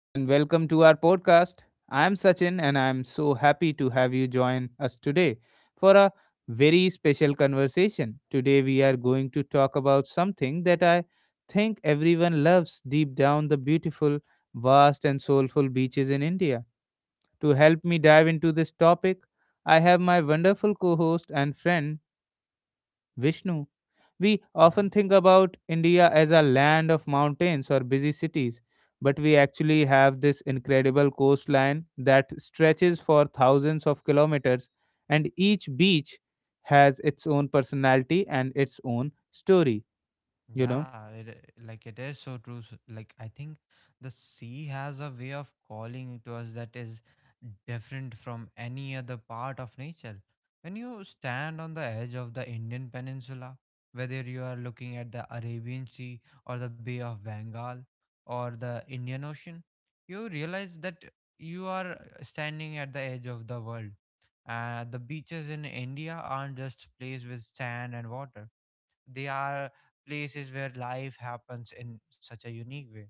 and welcome to our podcast. I am Sachin, and I am so happy to have you join us today for a very special conversation. Today, we are going to talk about something that I think everyone loves deep down the beautiful, vast, and soulful beaches in India. To help me dive into this topic, I have my wonderful co host and friend Vishnu. We Yeah, often think about India as a land of mountains or busy cities, but we actually have this incredible coastline that stretches for thousands of kilometers, and each beach has its own personality and its own story, you know? yeah, like it is so true. So, like I think the sea has a way of calling to us that is different from any other part of nature. When you stand on the edge of the Indian Peninsula, whether you are looking at the Arabian Sea or the Bay of Bengal or the Indian Ocean, you realize that you are standing at the edge of the world. The beaches in India aren't just places with sand and water. They are places where life happens in such a unique way.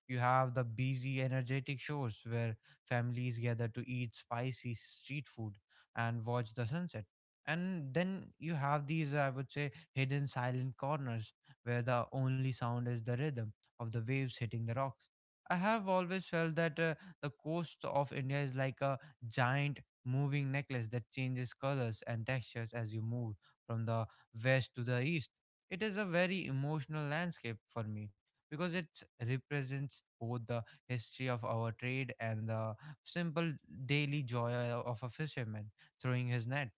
You have the busy, energetic shows where families gather to eat spicy street food and watch the sunset. And then you have these, I would say, hidden silent corners where the only sound is the rhythm of the waves hitting the rocks. I have always felt that the coast of India is like a giant moving necklace that changes colors and textures as you move from the west to the east. It is a very emotional landscape for me because it represents both the history of our trade and the simple daily joy of a fisherman throwing his net.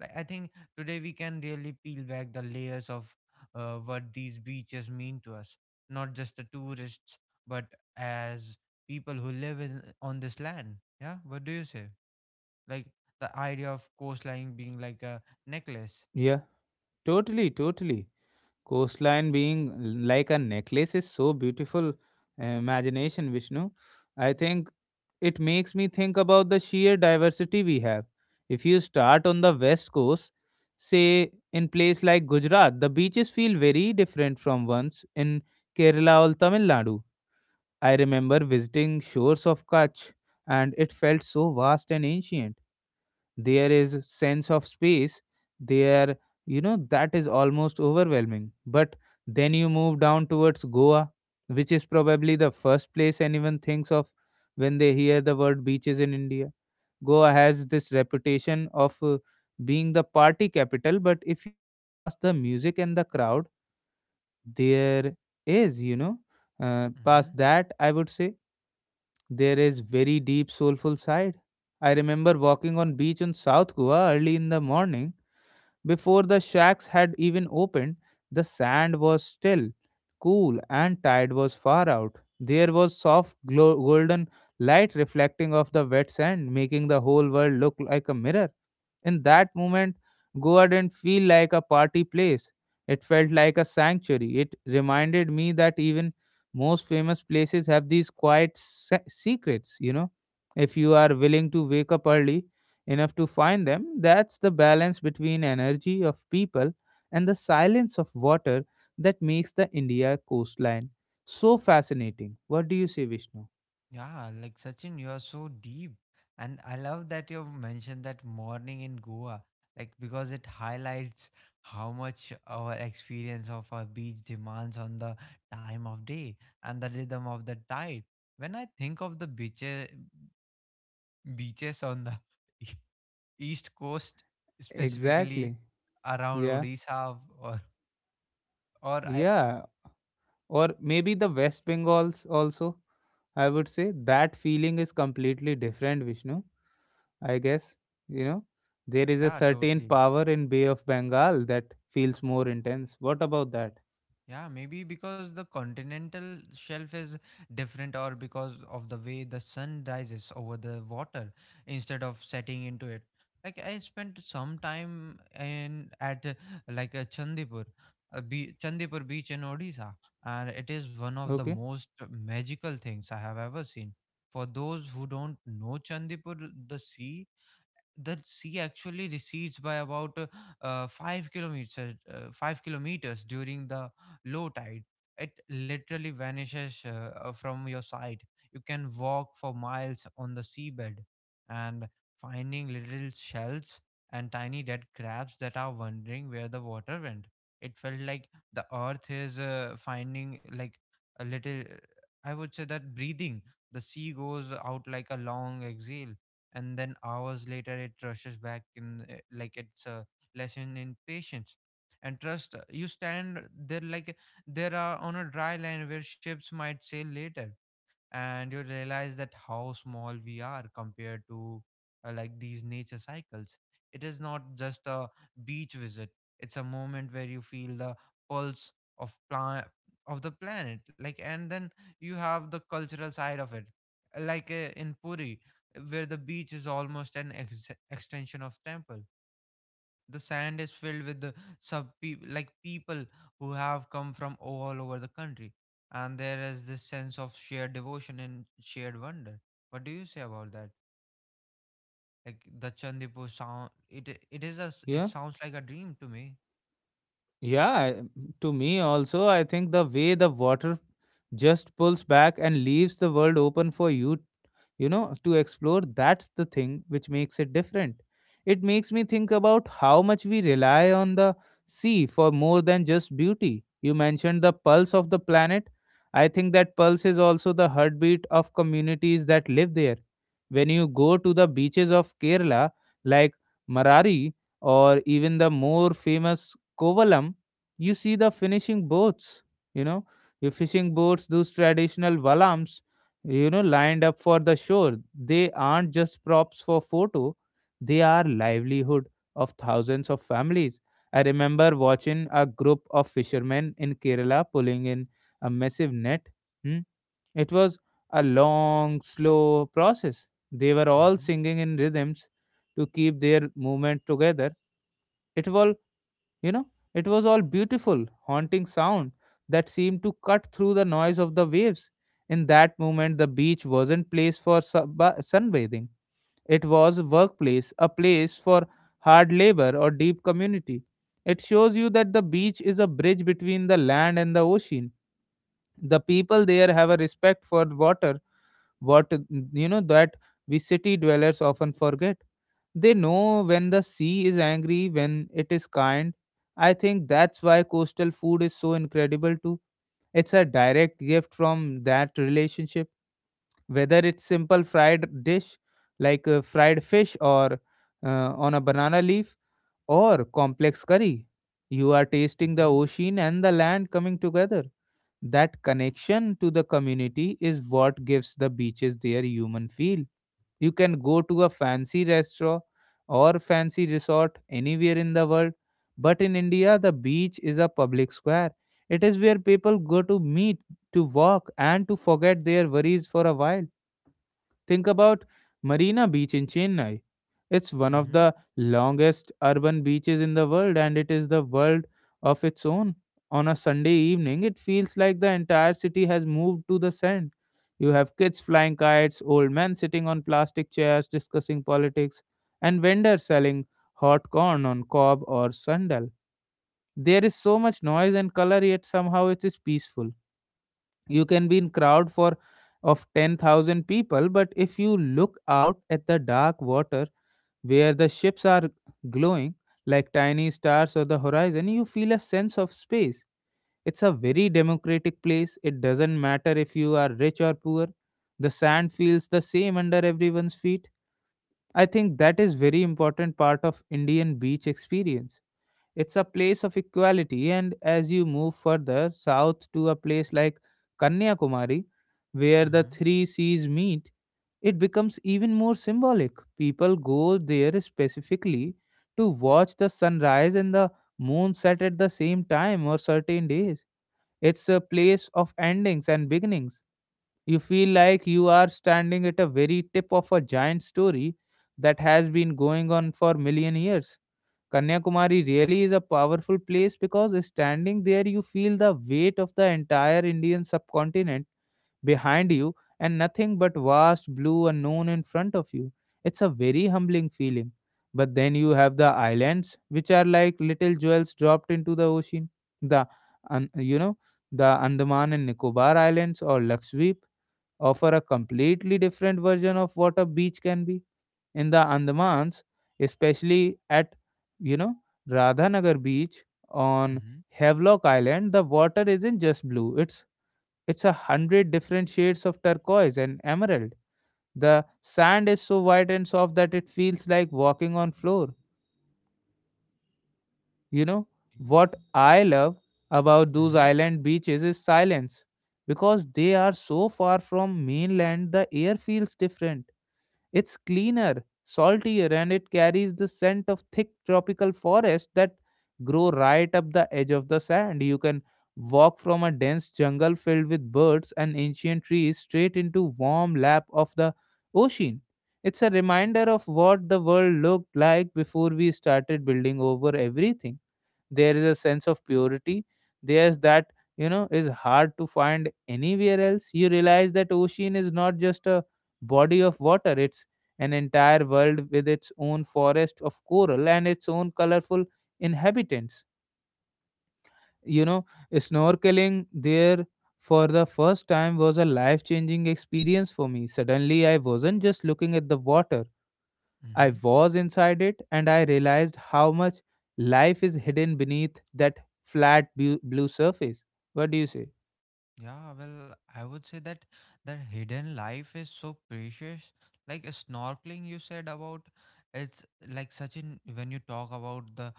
Like, I think today we can really peel back the layers of what these beaches mean to us, not just the tourists, but as people who live in on this land. Yeah, what do you say? Like the idea of coastline being like a necklace. Yeah, totally, totally. Coastline being like a necklace is so beautiful. Imagination, Vishnu. I think it makes me think about the sheer diversity we have. If you start on the west coast, say in place like Gujarat, the beaches feel very different from ones in Kerala or Tamil Nadu. I remember visiting shores of Kutch, and it felt so vast and ancient. There is sense of space there, you know, that is almost overwhelming. But then you move down towards Goa, which is probably the first place anyone thinks of when they hear the word beaches in India. Goa has this reputation of being the party capital, but if you look past the music and the crowd, there is, you know, Mm-hmm. past that I would say there is very deep soulful side. I remember walking on beach in South Goa early in the morning before the shacks had even opened, the sand was still, cool, and tide was far out. There was golden light reflecting off the wet sand, making the whole world look like a mirror. In that moment, Goa didn't feel like a party place. It felt like a sanctuary. It reminded me that even most famous places have these quiet secrets, you know, if you are willing to wake up early, enough to find them. That's the balance between energy of people and the silence of water that makes the India coastline so fascinating. What do you say, Vishnu? Yeah, like Sachin, you are so deep. And I love that you mentioned that morning in Goa, like because it highlights how much our experience of a beach demands on the time of day and the rhythm of the tide. When I think of the beaches, beaches on the east coast, specifically Exactly. around Yeah. Odisha or or Yeah. Or maybe the West Bengals also. I would say that feeling is completely different, Vishnu. I guess, you know, there is a yeah, certain totally. power in Bay of Bengal that feels more intense. What about that? Yeah, maybe because the continental shelf is different, or because of the way the sun rises over the water instead of setting into it. Like I spent some time in at like a Chandipur, a Chandipur beach in Odisha, and it is one of the Okay. most magical things I have ever seen. For those who don't know Chandipur, the sea the sea actually recedes by about 5 kilometers during the low tide. It literally vanishes from your sight. You can walk for miles on the seabed and finding little shells and tiny dead crabs that are wondering where the water went. It felt like the earth is finding like a little, I would say, that breathing, the sea goes out like a long exhale and then hours later it rushes back in, like it's a lesson in patience and trust. You stand there like there are on a dry land where ships might sail later, and you realize that how small we are compared to like these nature cycles. It is not just a beach visit. It's a moment where you feel the pulse of plan of the planet. Like, and then you have the cultural side of it, like in Puri, where the beach is almost an extension of temple. The sand is filled with the sub pe like people who have come from all over the country, and there is this sense of shared devotion and shared wonder. What do you say about that? Like the Chandipur sound, it it Yeah. sounds like a dream to me. Yeah, I- to me also, I think the way the water just pulls back and leaves the world open for you, you know, to explore, that's the thing which makes it different. It makes me think about how much we rely on the sea for more than just beauty. You mentioned the pulse of the planet. I think that pulse is also the heartbeat of communities that live there. When you go to the beaches of Kerala, like Marari or even the more famous Kovalam, you see the finishing boats, you know, your fishing boats, those traditional valams, you know, lined up for the shore. They aren't just props for photo. They are livelihood of thousands of families. I remember watching a group of fishermen in Kerala pulling in a massive net. hmm. It was a long slow process. They were all Mm-hmm, singing in rhythms to keep their movement together. It was, you know, it was all beautiful, haunting sound that seemed to cut through the noise of the waves. In that moment, the beach wasn't place for sunbathing. It was a workplace, a place for hard labor or deep community. It shows you that the beach is a bridge between the land and the ocean. The people there have a respect for water, what, you know, that we city dwellers often forget. They know when the sea is angry, when it is kind. I think that's why coastal food is so incredible too. It's a direct gift from that relationship. Whether it's simple fried dish like fried fish or on a banana leaf or complex curry, you are tasting the mm-hmm, ocean and the land coming together. That connection to the community is what gives the beaches their human feel. You can go to a fancy restaurant or fancy resort anywhere in the world, but in India, the beach is a public square. It is where people go to meet, to walk, and to forget their worries for a while. Think about Marina Beach in Chennai. It's one of mm-hmm, the longest urban beaches in the world, and it is the world of its own. On a Sunday evening, it feels like the entire city has moved to the sand. You have kids flying kites, old men sitting on plastic chairs discussing politics, and vendors selling hot corn on cob or sandal. There is so much noise and color, yet somehow it is peaceful. You can be in crowd for of 10,000 people, but if you look out at the dark water where the ships are glowing like tiny stars on the horizon, you feel a sense of space. It's a very democratic place. It doesn't matter if you are rich or poor, the sand feels the same under everyone's feet. I think that is very important part of Indian beach experience. It's a place of equality, and as you move further south to a place like Kanyakumari, where the mm-hmm, three seas meet, it becomes even more symbolic. People go there specifically to watch the sunrise and the moon set at the same time or certain days. It's a place of endings and beginnings. You feel like you are standing at a very tip of a giant story that has been going on for million years. Kanyakumari really is a powerful place because standing there you feel the weight of the entire Indian subcontinent behind you and nothing but vast blue unknown in front of you. It's a very humbling feeling. But then you have the islands, which are like little jewels dropped into the ocean. The, an- you know, The Andaman and Nicobar Islands or Lakshadweep offer a completely different version of what a beach can be. In the Andamans, especially at, you know, Radhanagar beach on mm-hmm, Havelock Island, the water isn't just blue. It's a hundred different shades of turquoise and emerald. The sand is so white and soft that it feels like walking on floor. You know what I love about those island beaches is silence. Because they are so far from mainland, the air feels different. It's cleaner, saltier, and it carries the scent of thick tropical forests that grow right up the edge of the sand. You can walk from a dense jungle filled with birds and ancient trees straight into warm lap of the ocean. It's a reminder of what the world looked like before we started building over everything. There is a sense of purity there's that, you know, is hard to find anywhere else. You realize that ocean is not just a body of water. It's an entire world with its own forest of coral and its own colorful inhabitants, you know. Snorkeling there for the first time was a life changing experience for me. Suddenly I wasn't just looking at the water, I mm-hmm. was inside it, and I realized how much life is hidden beneath that blue surface. What do you say? Yeah, well, I would say that that hidden life is so precious. Like snorkeling, you said about it's like such in when you talk about the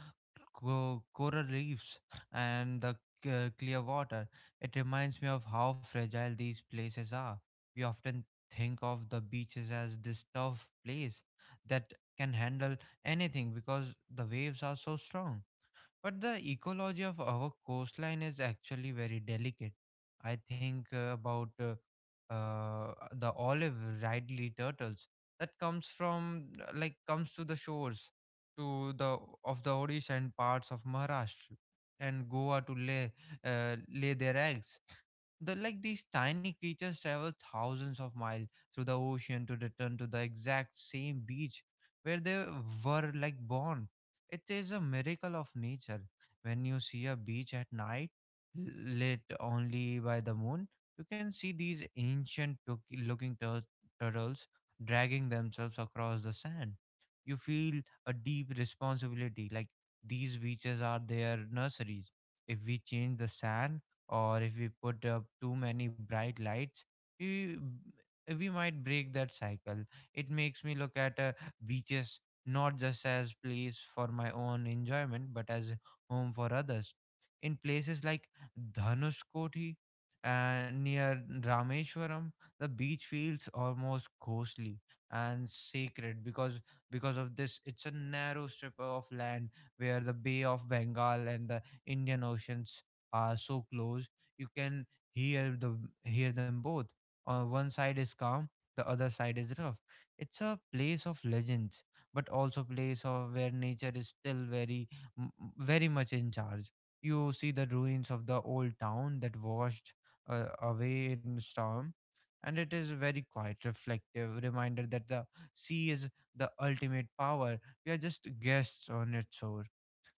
coral reefs and the clear water, it reminds me of how fragile these places are. We often think of the beaches as this tough place that can handle anything because the waves are so strong. But the ecology of our coastline is actually very delicate. I think about the olive ridley turtles that comes from like comes to the shores to the of the Odisha and parts of Maharashtra and Goa to lay their eggs. Like these tiny creatures travel thousands of miles through the ocean to return to the exact same beach where they were like born. It is a miracle of nature. When you see a beach at night, lit only by the moon, you can see these ancient looking turtles dragging themselves across the sand. You feel a deep responsibility, like these beaches are their nurseries. If we change the sand, or if we put up too many bright lights, we we might break that cycle. It makes me look at beaches not just as place for my own enjoyment but as a home for others. In places like Dhanushkoti near Rameshwaram, the beach feels almost ghostly and sacred because of this. It's a narrow strip of land where the Bay of Bengal and the Indian Ocean are so close you can hear them both. On one side is calm, the other side is rough. It's a place of legends, but also place of where nature is still very, very much in charge. You see the ruins of the old town that washed away in storm, and it is very quiet, reflective reminder that the sea is the ultimate power. We are just guests on its shore.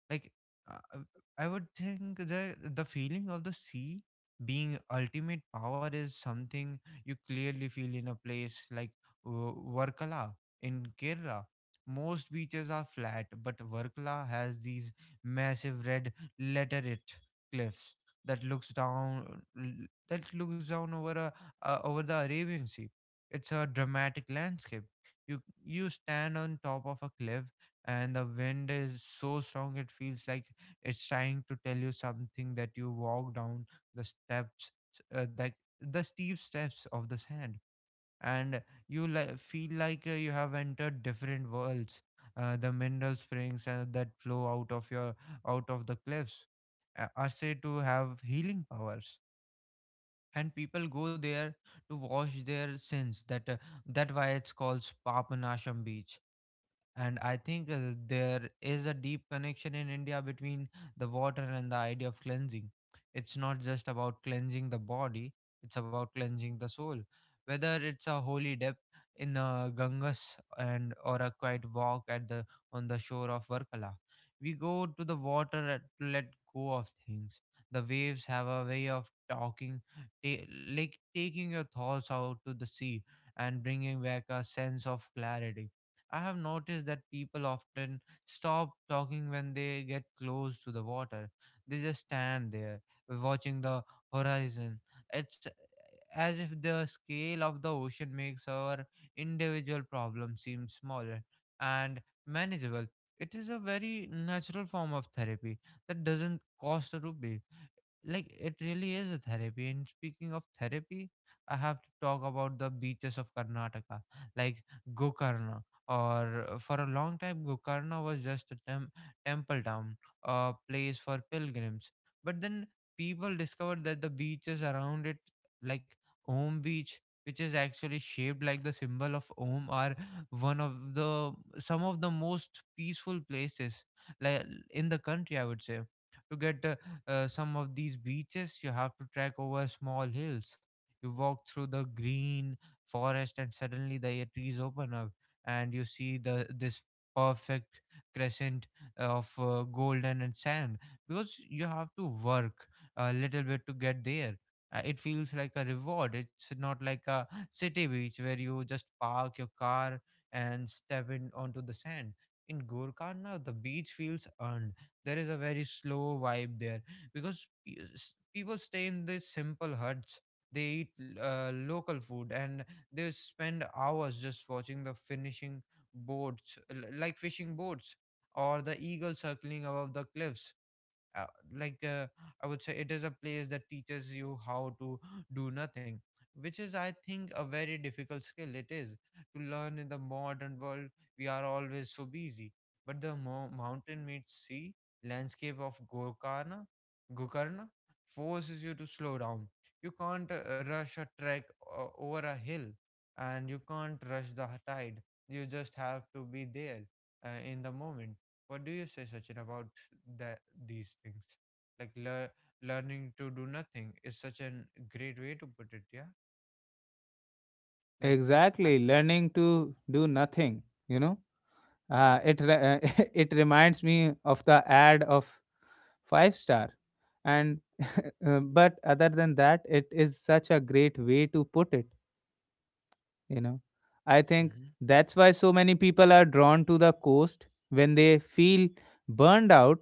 Like, uh, uh, I would think the feeling of the sea being ultimate power is something you clearly feel in a place like uh, Varkala in Kerala. Most beaches are flat, but Varkala has these massive red laterite cliffs that looks down over a over the Arabian Sea. It's a dramatic landscape. You stand on top of a cliff and the wind is so strong it feels like it's trying to tell you something that you walk down the steps uh, like the steep steps of the sand, and you feel like you have entered different worlds. The mineral springs that flow out of the cliffs are said to have healing powers, and people go there to wash their sins that why it's called Papanasham beach. And I think there is a deep connection in India between the water and the idea of cleansing. It's not just about cleansing the body, it's about cleansing the soul, whether it's a holy depth in Ganges and or a quiet walk at the on the shore of Varkala. We go to the water to let go of things. The waves have a way of talking, like taking your thoughts out to the sea and bringing back a sense of clarity. I have noticed that people often stop talking when they get close to the water. They just stand there watching the horizon. It's as if the scale of the ocean makes our individual problems seem smaller and manageable. It is a very natural form of therapy that doesn't cost a rupee. Like it really is a therapy. And speaking of therapy, I have to talk about the beaches of Karnataka, like Gokarna. Or for a long time Gokarna was just a temple town, a place for pilgrims. But then people discovered that the beaches around it, like Om beach, which is actually shaped like the symbol of Om, are one of the some of the most peaceful places, like in the country, I would say. To get some of these beaches you have to trek over small hills. You walk through the green forest and suddenly the trees open up and you see the this perfect crescent of golden and sand. Because you have to work a little bit to get there. It feels like a reward. It's not like a city beach where you just park your car and step in onto the sand. In Gorkarna, the beach feels earned. There is a very slow vibe there because people stay in these simple huts. They eat local food and they spend hours just watching the finishing boats, like fishing boats, or the eagle circling above the cliffs. Uh, like uh, i would say it is a place that teaches you how to do nothing, which is I think a very difficult skill it is to learn in the modern world. We are always so busy, but the mountain meets sea landscape of Gokarna forces you to slow down. You can't rush a trek over a hill, and you can't rush the tide. You just have to be there in the moment. What do you say, Sachin, about that, these things? Like learning to do nothing is such a great way to put it. Yeah, like I. Exactly, learning to do nothing, you know. It re- it reminds me of the ad of five star and but other than that it is such a great way to put it, you know. I think Mm-hmm, that's why so many people are drawn to the coast when they feel burned out.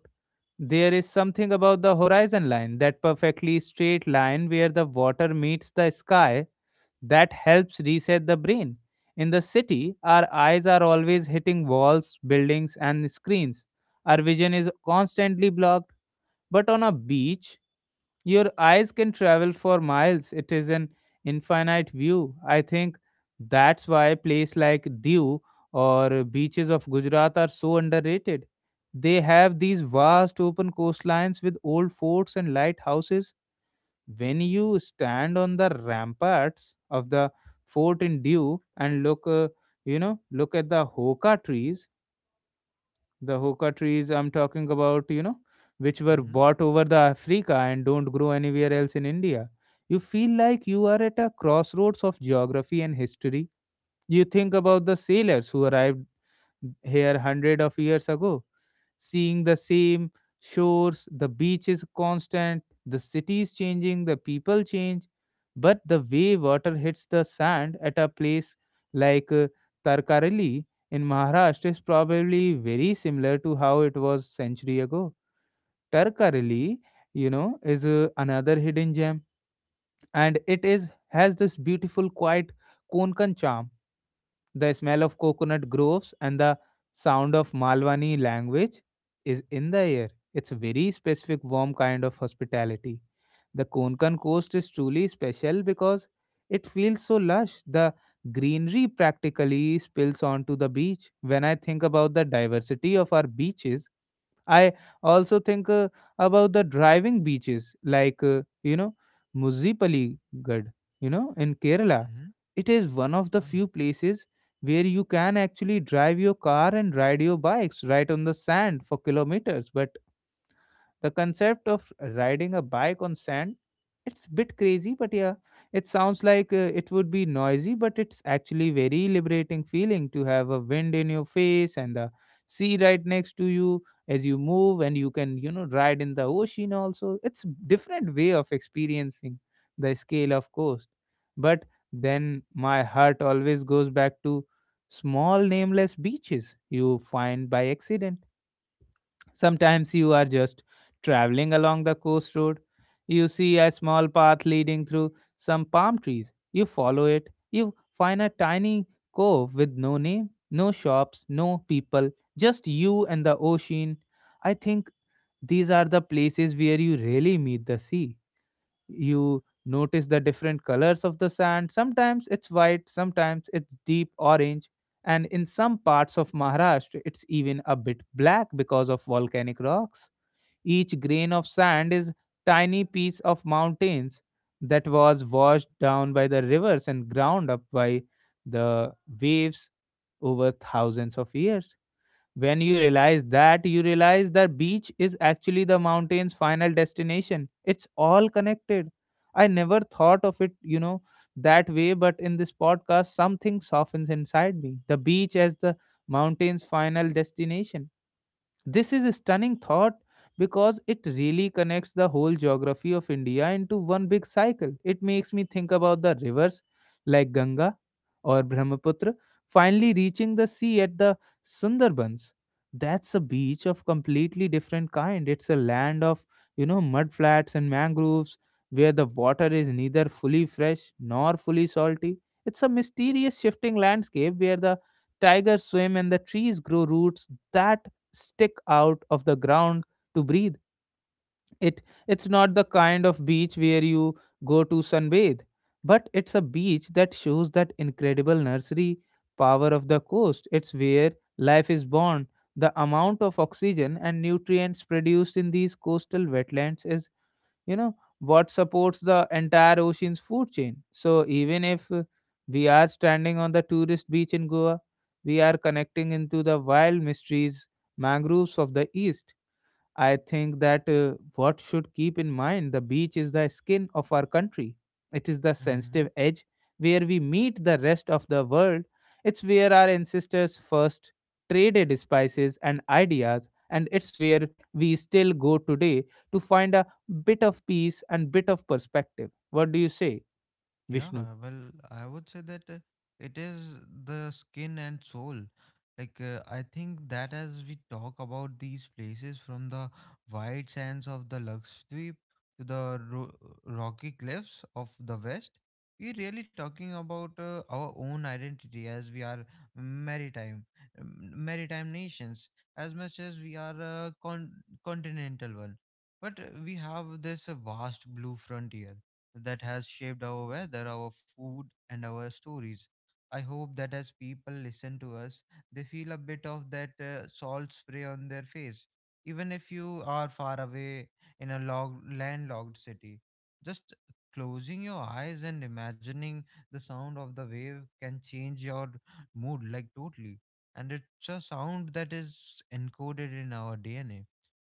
There is something about the horizon line, that perfectly straight line where the water meets the sky, that helps reset the brain. In the city our eyes are always hitting walls, buildings and screens. Our vision is constantly blocked, but on a beach your eyes can travel for miles. It is an infinite view. I think that's why places like Diu or beaches of Gujarat are so underrated. They have these vast open coastlines with old forts and lighthouses. When you stand on the ramparts of the fort in Diu and look, look at the hoka trees, the hookah trees I'm talking about, you know, which were mm-hmm, bought over the Africa and don't grow anywhere else in India. You feel like you are at a crossroads of geography and history. You think about the sailors who arrived here hundred of years ago seeing the same shores. The beach is constant, the city is changing, the people change, but the way water hits the sand at a place like Tarkareli in Maharashtra is probably very similar to how it was century ago. Tarkareli, you know, is another hidden gem, and it is has this beautiful, quiet Konkan charm. The smell of coconut groves and the sound of Malwani language is in the air. It's a very specific warm kind of hospitality. The Konkan coast is truly special because it feels so lush. The greenery practically spills onto the beach. When I think about the diversity of our beaches, I also think about the driving beaches like, Muzipaligarh, in Kerala. mm-hmm, It is one of the uh, few places where you can actually drive your car and ride your bikes right on the sand for kilometers. But the concept of riding a bike on sand, it's a bit crazy, but yeah, it sounds like it would be noisy, but it's actually very liberating feeling to have a wind in your face and the sea right next to you as you move, and you can, ride in the ocean also. It's different way of experiencing the scale of coast. But then my heart always goes back to small nameless beaches you find by accident. Sometimes you are just traveling along the coast road. You see a small path leading through some palm trees. You follow it. You find a tiny cove with no name, no shops, no people, just you and the ocean. I think these are the places where you really meet the sea. You notice the different colors of the sand. Sometimes it's white, sometimes it's deep orange, and in some parts of Maharashtra, it's even a bit black because of volcanic rocks. Each grain of sand is tiny piece of mountains that was washed down by the rivers and ground up by the waves over thousands of years. When you realize that beach is actually the mountain's final destination. It's all connected. I never thought of it, that way, but in this podcast, something softens inside me. The beach as the mountain's final destination, this is a stunning thought because it really connects the whole geography of India into one big cycle. It makes me think about the rivers like Ganga or Brahmaputra finally reaching the sea at the Sundarbans. That's a beach of completely different kind. It's a land of, mudflats and mangroves, where the water is neither fully fresh nor fully salty. It's a mysterious shifting landscape where the tigers swim and the trees grow roots that stick out of the ground to breathe. It it's not the kind of beach where you go to sunbathe, but it's a beach that shows that incredible nursery power of the coast. It's where life is born. The amount of oxygen and nutrients produced in these coastal wetlands is you know what supports the entire ocean's food chain. So even if we are standing on the tourist beach in Goa, we are connecting into the wild mysteries mangroves of the east. I think that what should keep in mind, the beach is the skin of our country. It is the mm-hmm. sensitive edge where we meet the rest of the world. It's where our ancestors first traded spices and ideas, and it's where we still go today to find a bit of peace and bit of perspective. What do you say, Vishnu? Yeah, well, I would say that it is the skin and soul. I think that as we talk about these places from the white sands of the Lakshadweep to the rocky cliffs of the West, we're really talking about our own identity as we are maritime, maritime nations, as much as we are a continental one. But we have this vast blue frontier that has shaped our weather, our food, and our stories. I hope that as people listen to us, they feel a bit of that salt spray on their face, even if you are far away in a landlocked city. Just closing your eyes and imagining the sound of the wave can change your mood like totally. And it's a sound that is encoded in our DNA,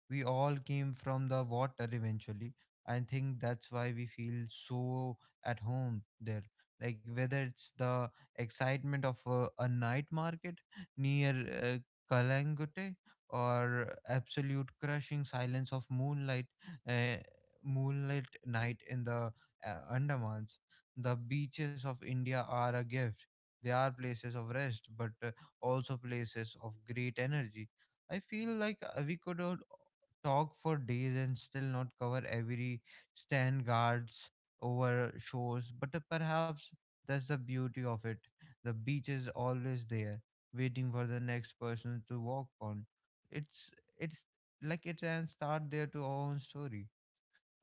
we all came from the water eventually. I think that's why we feel so at home there. Like whether it's the excitement of a night market near uh, Kalangote or absolute crushing silence of moonlight, uh, moonlight night in the Andamans. The beaches of India are a gift. They are places of rest, but also places of great energy. I feel like we could talk for days and still not cover every stand guards over shores, but perhaps that's the beauty of it. The beach is always there waiting for the next person to walk on. It's it's like it can start there to our own story,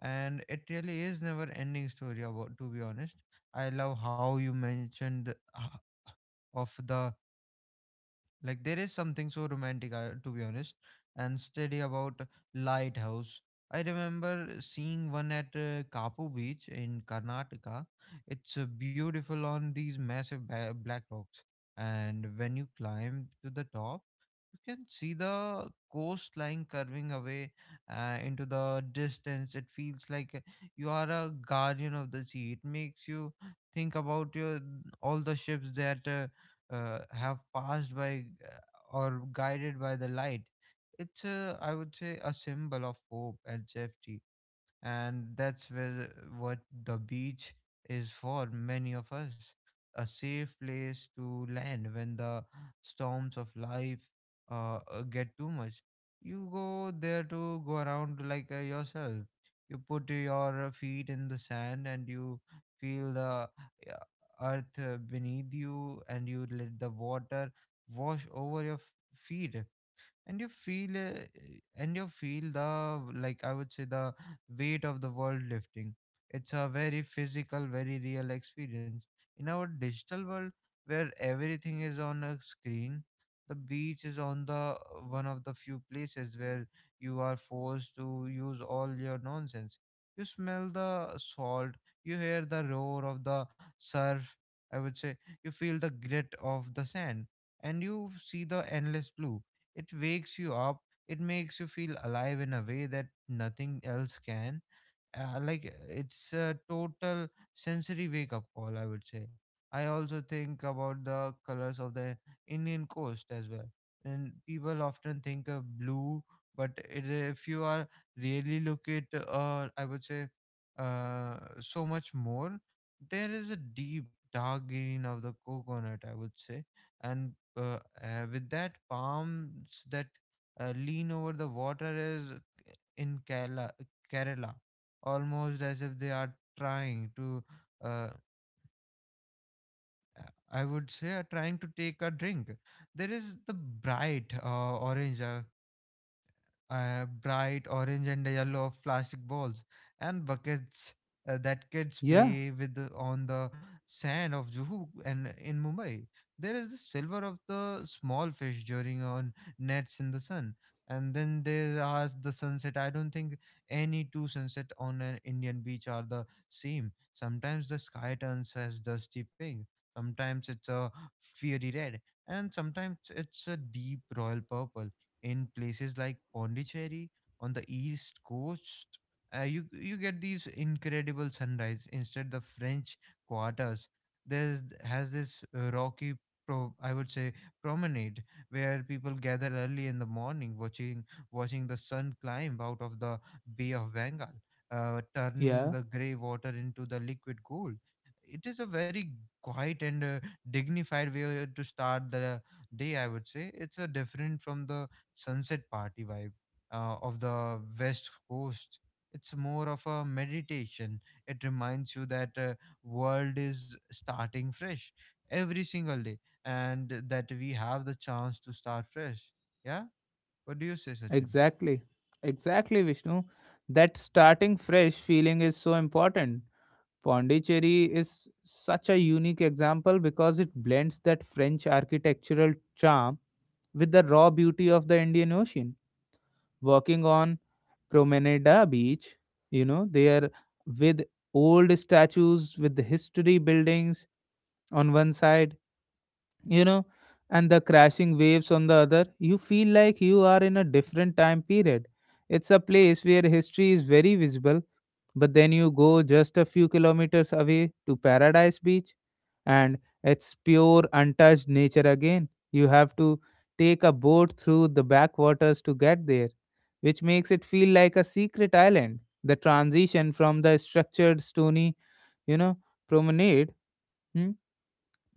and it really is never ending story about, to be honest. I love how you mentioned of the like there is something so romantic, to be honest, and steady about lighthouse. I remember seeing one at Kapu Beach in Karnataka. It's beautiful on these massive black rocks, and when you climb to the top you can see the coastline curving away into the distance. It feels like you are a guardian of the sea. It makes you think about your all the ships that have passed by, or guided by the light. It's, I would say, a symbol of hope and safety, and that's where what the beach is for many of us, a safe place to land when the storms of life get too much. You go there to go around like yourself, you put your feet in the sand and you feel the uh, earth beneath you, and you let the water wash over your feet, and you feel uh, and you feel the, like I would say, the weight of the world lifting. It's a very physical, very real experience in our digital world where everything is on a screen. The beach is on the one of the few places where you are forced to use all your nonsense. You smell the salt, you hear the roar of the surf, I would say, you feel the grit of the sand, and you see the endless blue. It wakes you up. It makes you feel alive in a way that nothing else can. Like it's a total sensory wake up call, I would say. I also think about the colors of the Indian coast as well, and people often think of blue, but it, if you are really look at, I would say, so much more. There is a deep dark green of the coconut, I would say, and uh, with that palms that lean over the water is in Kerala, Kerala, almost as if they are trying to, uh, I would say, are trying to take a drink. There is the bright orange. Bright orange and yellow of plastic balls and buckets that kids Yeah, play with on the sand of Juhu and in Mumbai. There is the silver of the small fish during on nets in the sun. And then there are the sunset. I don't think any two sunset on an Indian beach are the same. Sometimes the sky turns as dusty pink. Sometimes it's a fiery red, and sometimes it's a deep royal purple in places like Pondicherry on the east coast. You you get these incredible sunrise instead the French quarters. There's has this rocky pro I would say promenade where people gather early in the morning watching the sun climb out of the Bay of Bengal, turning yeah, the grey water into the liquid gold. It is a very quiet and dignified way to start the day. I would say it's a different from the sunset party vibe of the west coast. It's more of a meditation. It reminds you that world is starting fresh every single day, and that we have the chance to start fresh. Yeah, what do you say, Sachin? exactly. Exactly, Vishnu. That starting fresh feeling is so important. Pondicherry is such a unique example because it blends that French architectural charm with the raw beauty of the Indian Ocean. Walking on Promenada Beach, there with old statues, with the history buildings on one side, you know, and the crashing waves on the other, you feel like you are in a different time period. It's a place where history is very visible. But then you go just a few kilometers away to Paradise Beach, and it's pure untouched nature again. You have to take a boat through the backwaters to get there, which makes it feel like a secret island. The transition from the structured stony, you know, promenade hmm,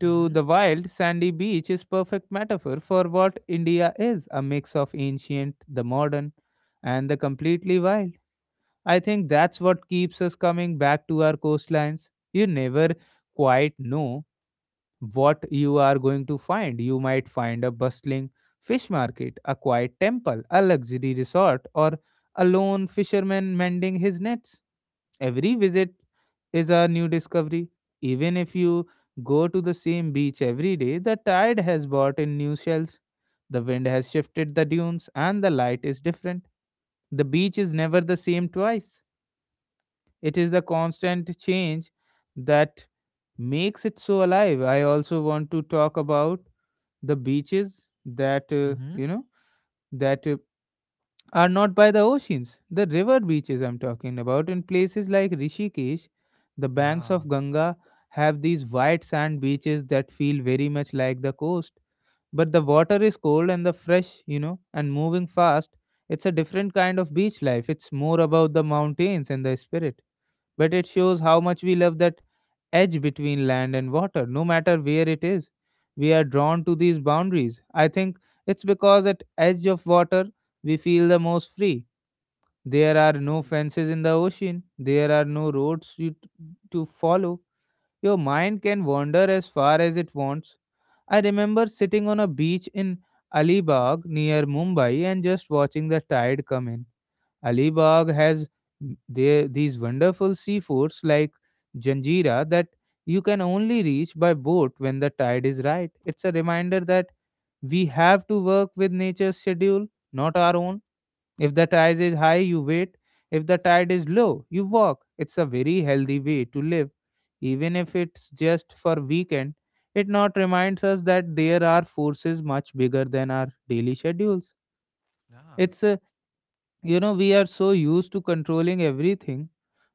to the wild sandy beach is perfect metaphor for what India is, a mix of ancient, the modern, and the completely wild. I think that's what keeps us coming back to our coastlines. You never quite know what you are going to find. You might find a bustling fish market, a quiet temple, a luxury resort, or a lone fisherman mending his nets. Every visit is a new discovery. Even if you go to the same beach every day, the tide has brought in new shells. The wind has shifted the dunes, and the light is different. The beach is never the same twice. It is the constant change that makes it so alive. I also want to talk about the beaches that, uh, Mm-hmm. you know, that uh, are not by the oceans, the river beaches I'm talking about. In places like Rishikesh, the banks Yeah. of Ganga have these white sand beaches that feel very much like the coast. But the water is cold and the fresh, and moving fast. It's a different kind of beach life. It's more about the mountains and the spirit, but it shows how much we love that edge between land and water, no matter where it is. We are drawn to these boundaries. I think it's because at edge of water we feel the most free. There are no fences in the ocean. There are no roads to follow. Your mind can wander as far as it wants. I remember sitting on a beach in Alibag near Mumbai and just watching the tide come in. Alibag has there these wonderful seaforts like Janjira that you can only reach by boat when the tide is right. It's a reminder that we have to work with nature's schedule, not our own. If the tide is high, you wait. If the tide is low, you walk. It's a very healthy way to live, even if it's just for weekend. It not reminds us that there are forces much bigger than our daily schedules. Yeah. It's a you know We are so used to controlling everything,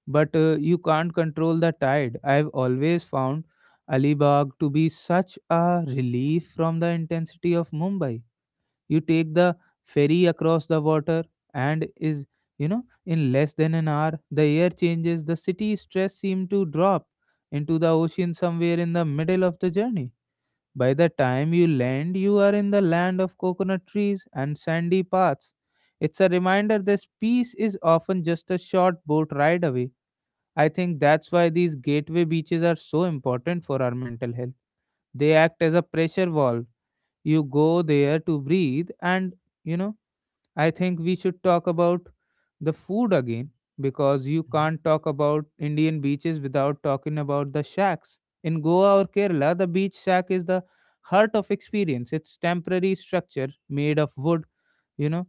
but you can't control the tide. I've always found Alibag to be such a relief from the intensity of Mumbai. You take the ferry across the water, and is you know in less than an hour, the air changes. The city stress seems to drop into the ocean somewhere in the middle of the journey. By the time you land, you are in the land of coconut trees and sandy paths. It's a reminder this peace is often just a short boat ride away. I think that's why these gateway beaches are so important for our mental health. They act as a pressure valve. You go there to breathe, and, you know, I think we should talk about the food again, because you Mm-hmm. can't talk about Indian beaches without talking about the shacks. In Goa or Kerala, the beach shack is the heart of experience. It's temporary structure made of wood, you know,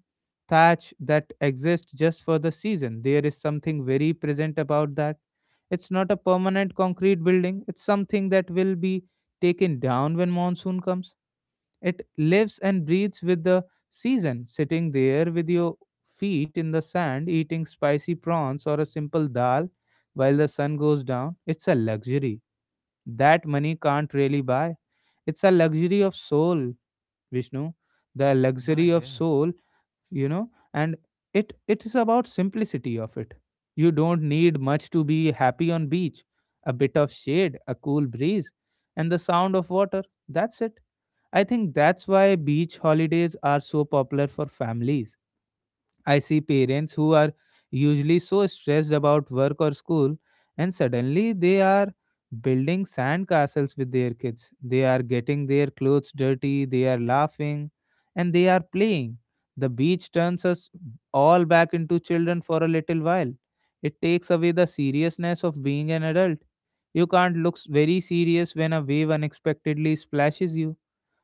thatch that exists just for the season. There is something very present about that. It's not a permanent concrete building. It's something that will be taken down when monsoon comes. It lives and breathes with the season, sitting there with your feet in the sand, eating spicy prawns or a simple dal while the sun goes down. It's a luxury that money can't really buy. It's a luxury of soul, Vishnu. The Yeah, luxury it of is. soul, and it is about simplicity of it. You don't need much to be happy on beach. A bit of shade, a cool breeze, and the sound of water. That's it. I think that's why beach holidays are so popular for families. I see parents who are usually so stressed about work or school, and suddenly they are building sandcastles with their kids. They are getting their clothes dirty, they are laughing, and they are playing. The beach turns us all back into children for a little while. It takes away the seriousness of being an adult. You can't look very serious when a wave unexpectedly splashes you.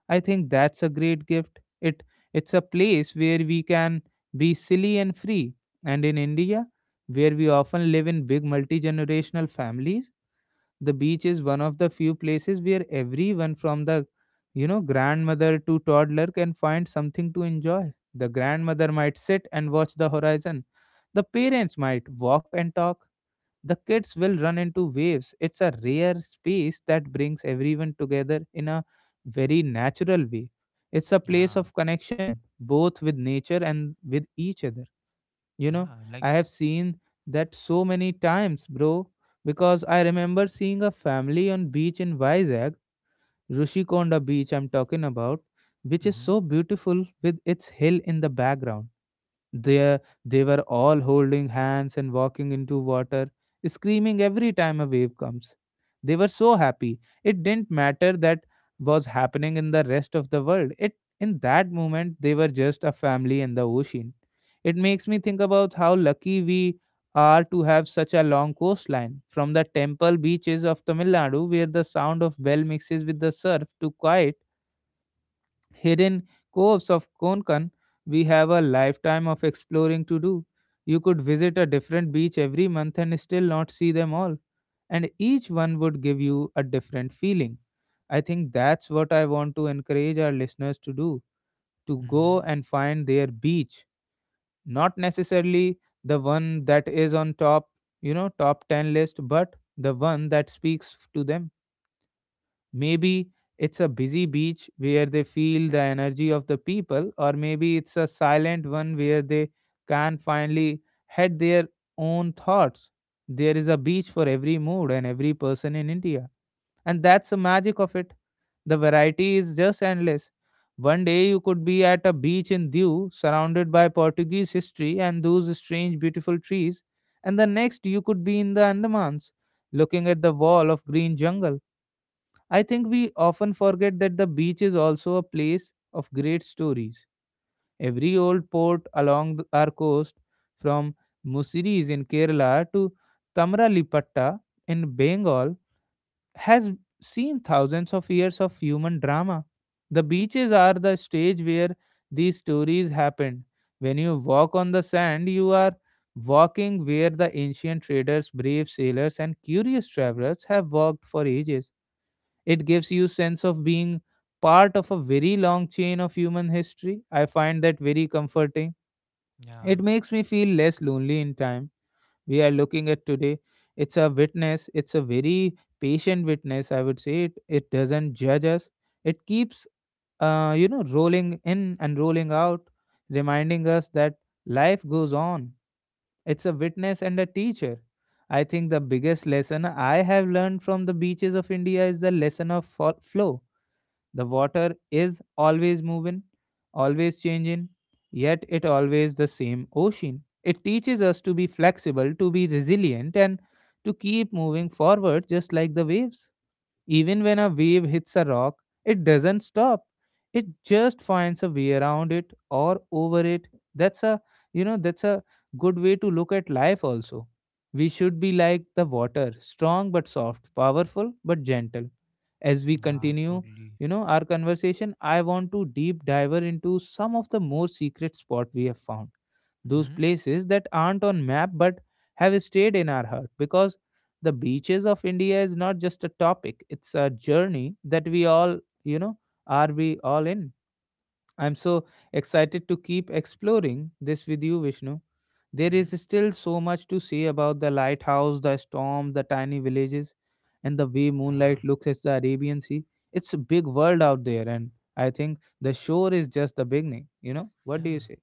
I think that's a great gift. It's a place where we can be silly and free. And in India, where we often live in big multi-generational families, the beach is one of the few places where everyone from the, grandmother to toddler, can find something to enjoy. The grandmother might sit and watch the horizon. The parents might walk and talk, the kids will run into waves. It's a rare space that brings everyone together in a very natural way. It's a place Yeah. of connection, both with nature and with each other. You know, Yeah. Like, I have seen that so many times, bro, because I remember seeing a family on beach in Vizag, Rushikonda beach I'm talking about, which is mm-hmm. so beautiful with its hill in the background. They, they were all holding hands and walking into water, screaming every time a wave comes. They were so happy. It didn't matter that was happening in the rest of the world. It in that moment they were just a family in the ocean. It makes me think about how lucky we are to have such a long coastline, from the temple beaches of Tamil Nadu, where the sound of bell mixes with the surf, to quiet hidden coves of Konkan. We have a lifetime of exploring to do. You could visit a different beach every month and still not see them all, and each one would give you a different feeling. I think that's what I want to encourage our listeners to do, to go Mm-hmm. and find their beach, not necessarily the one that is on top, top 10 list, but the one that speaks to them. Maybe it's a busy beach where they feel the energy of the people, or maybe it's a silent one where they can finally head their own thoughts. There is a beach for every mood and every person in India. And that's the magic of it. The variety is just endless. One day you could be at a beach in Diu, surrounded by Portuguese history and those strange, beautiful trees, and the next you could be in the Andamans, looking at the wall of green jungle. I think we often forget that the beach is also a place of great stories. Every old port along our coast, from Musiris in Kerala to Tamralippatta in Bengal, has seen thousands of years of human drama. The beaches are the stage where these stories happened. When you walk on the sand, you are walking where the ancient traders, brave sailors, and curious travelers have walked for ages. It gives you sense of being part of a very long chain of human history. I find that very comforting. Yeah. It makes me feel less lonely in time. We are looking at today. It's a witness. It's a very patient witness, I would say. It doesn't judge us. It keeps, rolling in and rolling out, reminding us that life goes on. It's a witness and a teacher. I think the biggest lesson I have learned from the beaches of India is the lesson of flow. The water is always moving, always changing, yet it always the same ocean. It teaches us to be flexible, to be resilient, and to keep moving forward just like the waves. Even when a wave hits a rock, it doesn't stop. It just finds a way around it or over it. That's a that's a good way to look at life also. We should be like the water, strong but soft, powerful but gentle as we Yeah, continue, totally. Our conversation. I want to deep dive into some of the more secret spot we have found, those Mm-hmm. places that aren't on map but have stayed in our heart, because the beaches of India is not just a topic, it's a journey that we all, are we all in. I'm so excited to keep exploring this with you, Vishnu. There Mm-hmm. is still so much to see about the lighthouse, the storm, the tiny villages, and the way Yeah. moonlight looks at the Arabian Sea. It's a big world out there, and I think the shore is just the beginning. You know, what do you Yeah, say?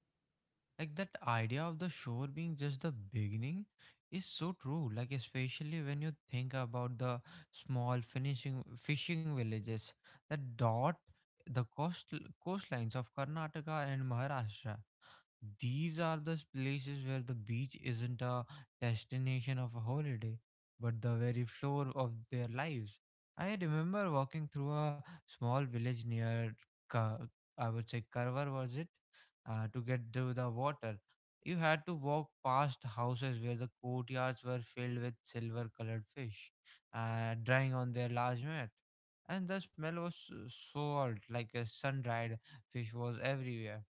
like that idea of the shore being just the beginning is so true. Like especially when you think about the small finishing fishing villages that dot the coastlines of Karnataka and Maharashtra. These are the places where the beach isn't a destination of a holiday, but the very floor of their lives. I remember walking through a small village near, Ka- I would say, Karwar, was it? To get to the water. You had to walk past houses where the courtyards were filled with silver colored fish, drying on their large mat. And the smell was so so salt, like a sun dried fish was everywhere.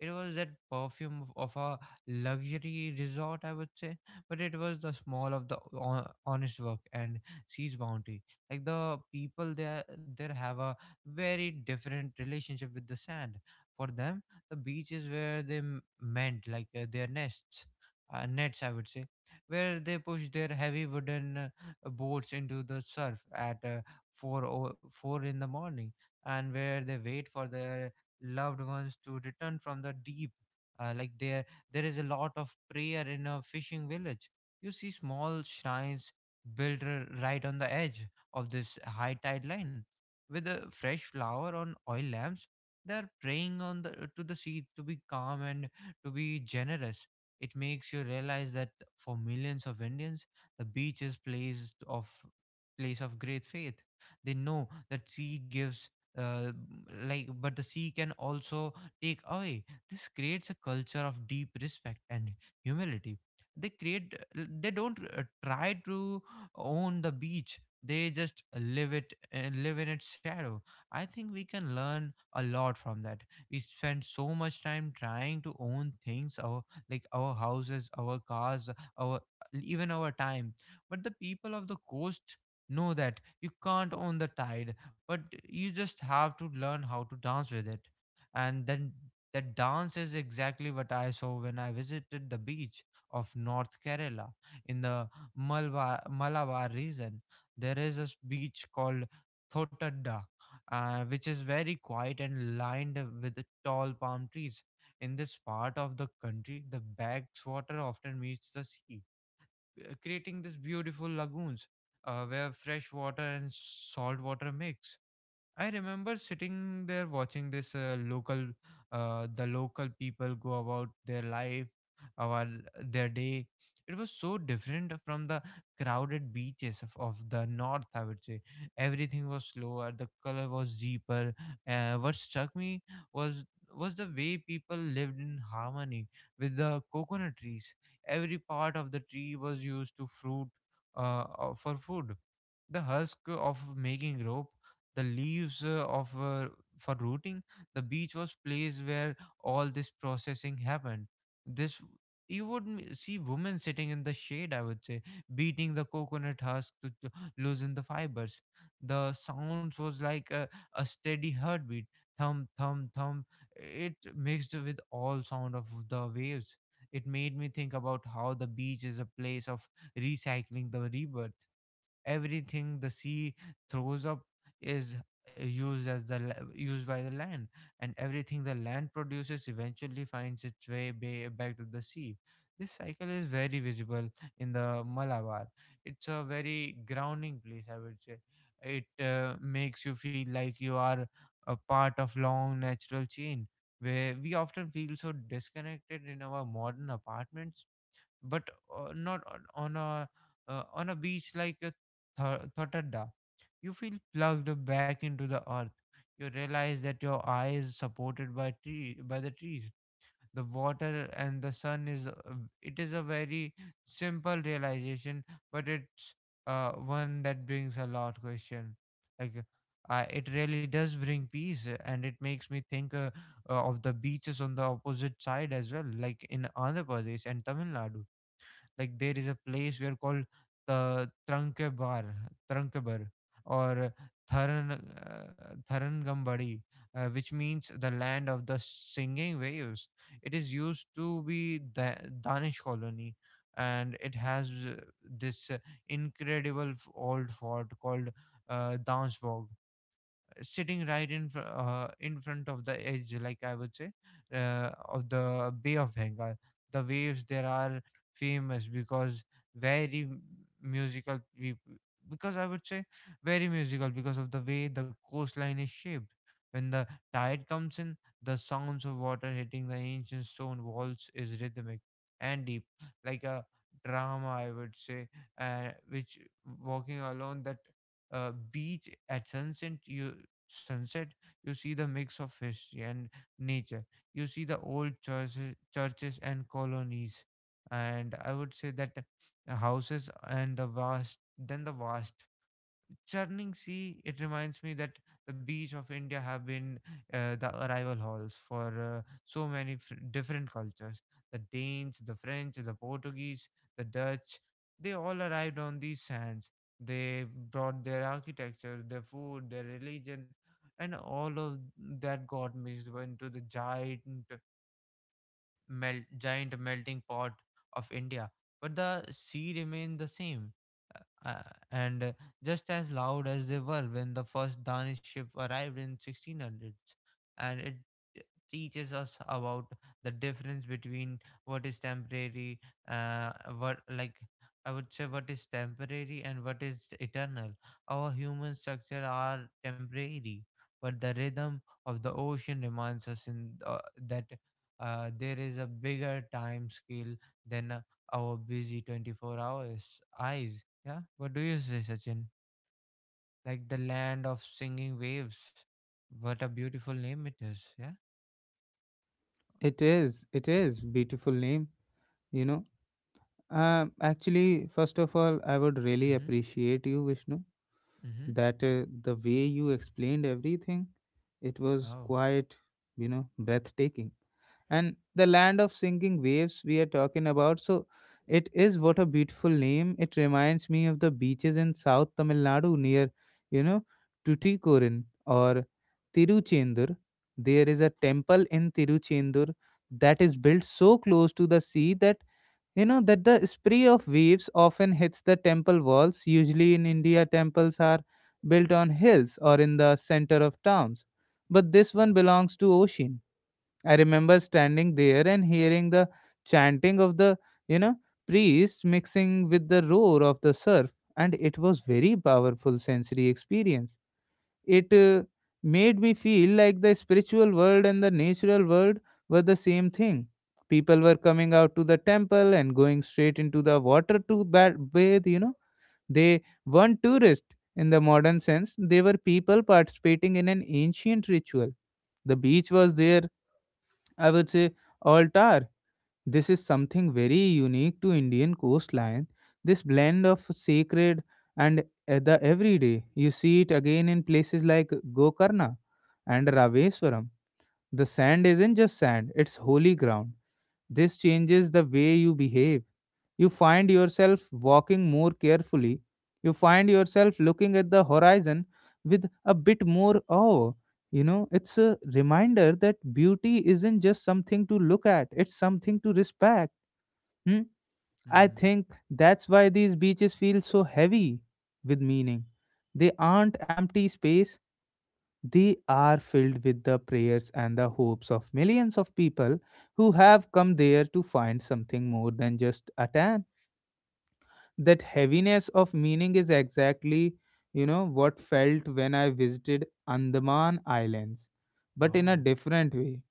It was that perfume of a luxury resort, I would say, but it was the small of the honest work and sees bounty. Like the people there, there have a very different relationship with the sand. For them, the beach is where they mend like their nests, nets, I would say, where they push their heavy wooden boats into the surf at four o four in the morning, and where they wait for their loved ones to return from the deep. Like there is a lot of prayer in a fishing village. You see small shrines built right on the edge of this high tide line, with a fresh flower on oil lamps. They are praying on the to the sea to be calm and to be generous. It makes you realize that for millions of Indians, the beach is place of great faith. They know that sea gives uh, like but the sea can also take away. This creates a culture of deep respect and humility. They create they don't try to own the beach, they just live it and live in its shadow. I think we can learn a lot from that. We spend so much time trying to own things, our like our houses, our cars, our even our time. But the people of the coast know that you can't own the tide, but you just have to learn how to dance with it. And then the dance is exactly what I saw when I visited the beach of north Kerala in the Malabar region. There is a beach called Thotadda, which is very quiet and lined with the tall palm trees. In this part of the country the backwater often meets the sea, creating these beautiful lagoons where fresh water and salt water mix. I remember sitting there watching this the local people go about their life, our their day. It was so different from the crowded beaches of the north. I would say everything was slower, the color was deeper. What struck me was was the way people lived in harmony with the coconut trees. Every part of the tree was used to fruit, for food, the husk of making rope, the leaves of for rooting. The beach was place where all this processing happened. This you would see women sitting in the shade, I would say, beating the coconut husk to loosen the fibers. The sounds was like a steady heartbeat, thump thump thump. It mixed with all sound of the waves. It made me think about how the beach is a place of recycling the rebirth. Everything the sea throws up is used as the used by the land, and everything the land produces eventually finds its way back to the sea. This cycle is very visible in the Malabar. It's a very grounding place, I would say. It makes you feel like you are a part of long natural chain where we often feel so disconnected in our modern apartments. But not on on a beach like a Thottada. You feel plugged back into the earth. You realize that your eye is supported by the trees. The water and the sun is, it is a very simple realization, but it's one that brings a lot question. Like, it really does bring peace, and it makes me think, of the beaches on the opposite side as well, like in Andhra Pradesh and Tamil Nadu. Like, there is a place where called the Trankebar, or Tharangambadi, which means the land of the singing waves. It is used to be the Danish colony, and it has this incredible old fort called Dansborg, sitting right in front of the edge, like I would say, of the Bay of Bengal. The waves there are famous very m- musical peop- because I would say very musical, because of the way the coastline is shaped. When the tide comes in, the sounds of water hitting the ancient stone walls is rhythmic and deep, like a drama I would say, which walking along that beach at sunset, you see the mix of history and nature. You see the old churches and colonies, and I would say that the houses and the vast churning sea, it reminds me that the beach of India have been the arrival halls for so many different cultures. The Danes, the French, the Portuguese, the Dutch, they all arrived on these sands. They brought their architecture, their food, their religion, and all of that got mixed into the giant melting pot of India, but the sea remained the same. Uh, uh, and just as loud as they were when the first Danish ship arrived in 1600s, and it teaches us about the difference between what is temporary, uh, what like I would say what is temporary and what is eternal. Our human structure are temporary, but the rhythm of the ocean reminds us in that there is a bigger time scale than, our busy 24 hours eyes. Yeah. What do you say, Sachin? Like the land of singing waves, what a beautiful name it is. Yeah. It is beautiful name. You know, actually, first of all, I would really Mm-hmm. appreciate you, Vishnu, Mm-hmm. that the way you explained everything, it was Oh. quite, breathtaking. And the land of singing waves we are talking about, so it is what a beautiful name. It reminds me of the beaches in south Tamil Nadu, near, you know Tuticorin, or Tiruchendur. There is a temple in Tiruchendur that is built so close to the sea that, that the spray of waves often hits the temple walls. Usually in India, temples are built on hills or in the center of towns, but this one belongs to ocean. I remember standing there and hearing the chanting of the, you know, priest, mixing with the roar of the surf, and it was very powerful sensory experience. It made me feel like the spiritual world and the natural world were the same thing. People were coming out to the temple and going straight into the water to bathe. You know, they weren't tourists in the modern sense; they were people participating in an ancient ritual. The beach was there, I would say, altar. This is something very unique to Indian coastline. This blend of sacred and the everyday. You see it again in places like Gokarna and Raveswaram. The sand isn't just sand, it's holy ground. This changes the way you behave. You find yourself walking more carefully. You find yourself looking at the horizon with a bit more awe. You know, it's a reminder that beauty isn't just something to look at, it's something to respect. Hmm? I Mm. think that's why these beaches feel so heavy with meaning. They aren't empty spaces, they are filled with the prayers and the hopes of millions of people who have come there to find something more than just a tan. That heaviness of meaning is exactly, what felt when I visited Andaman Islands, but in a Oh. different way.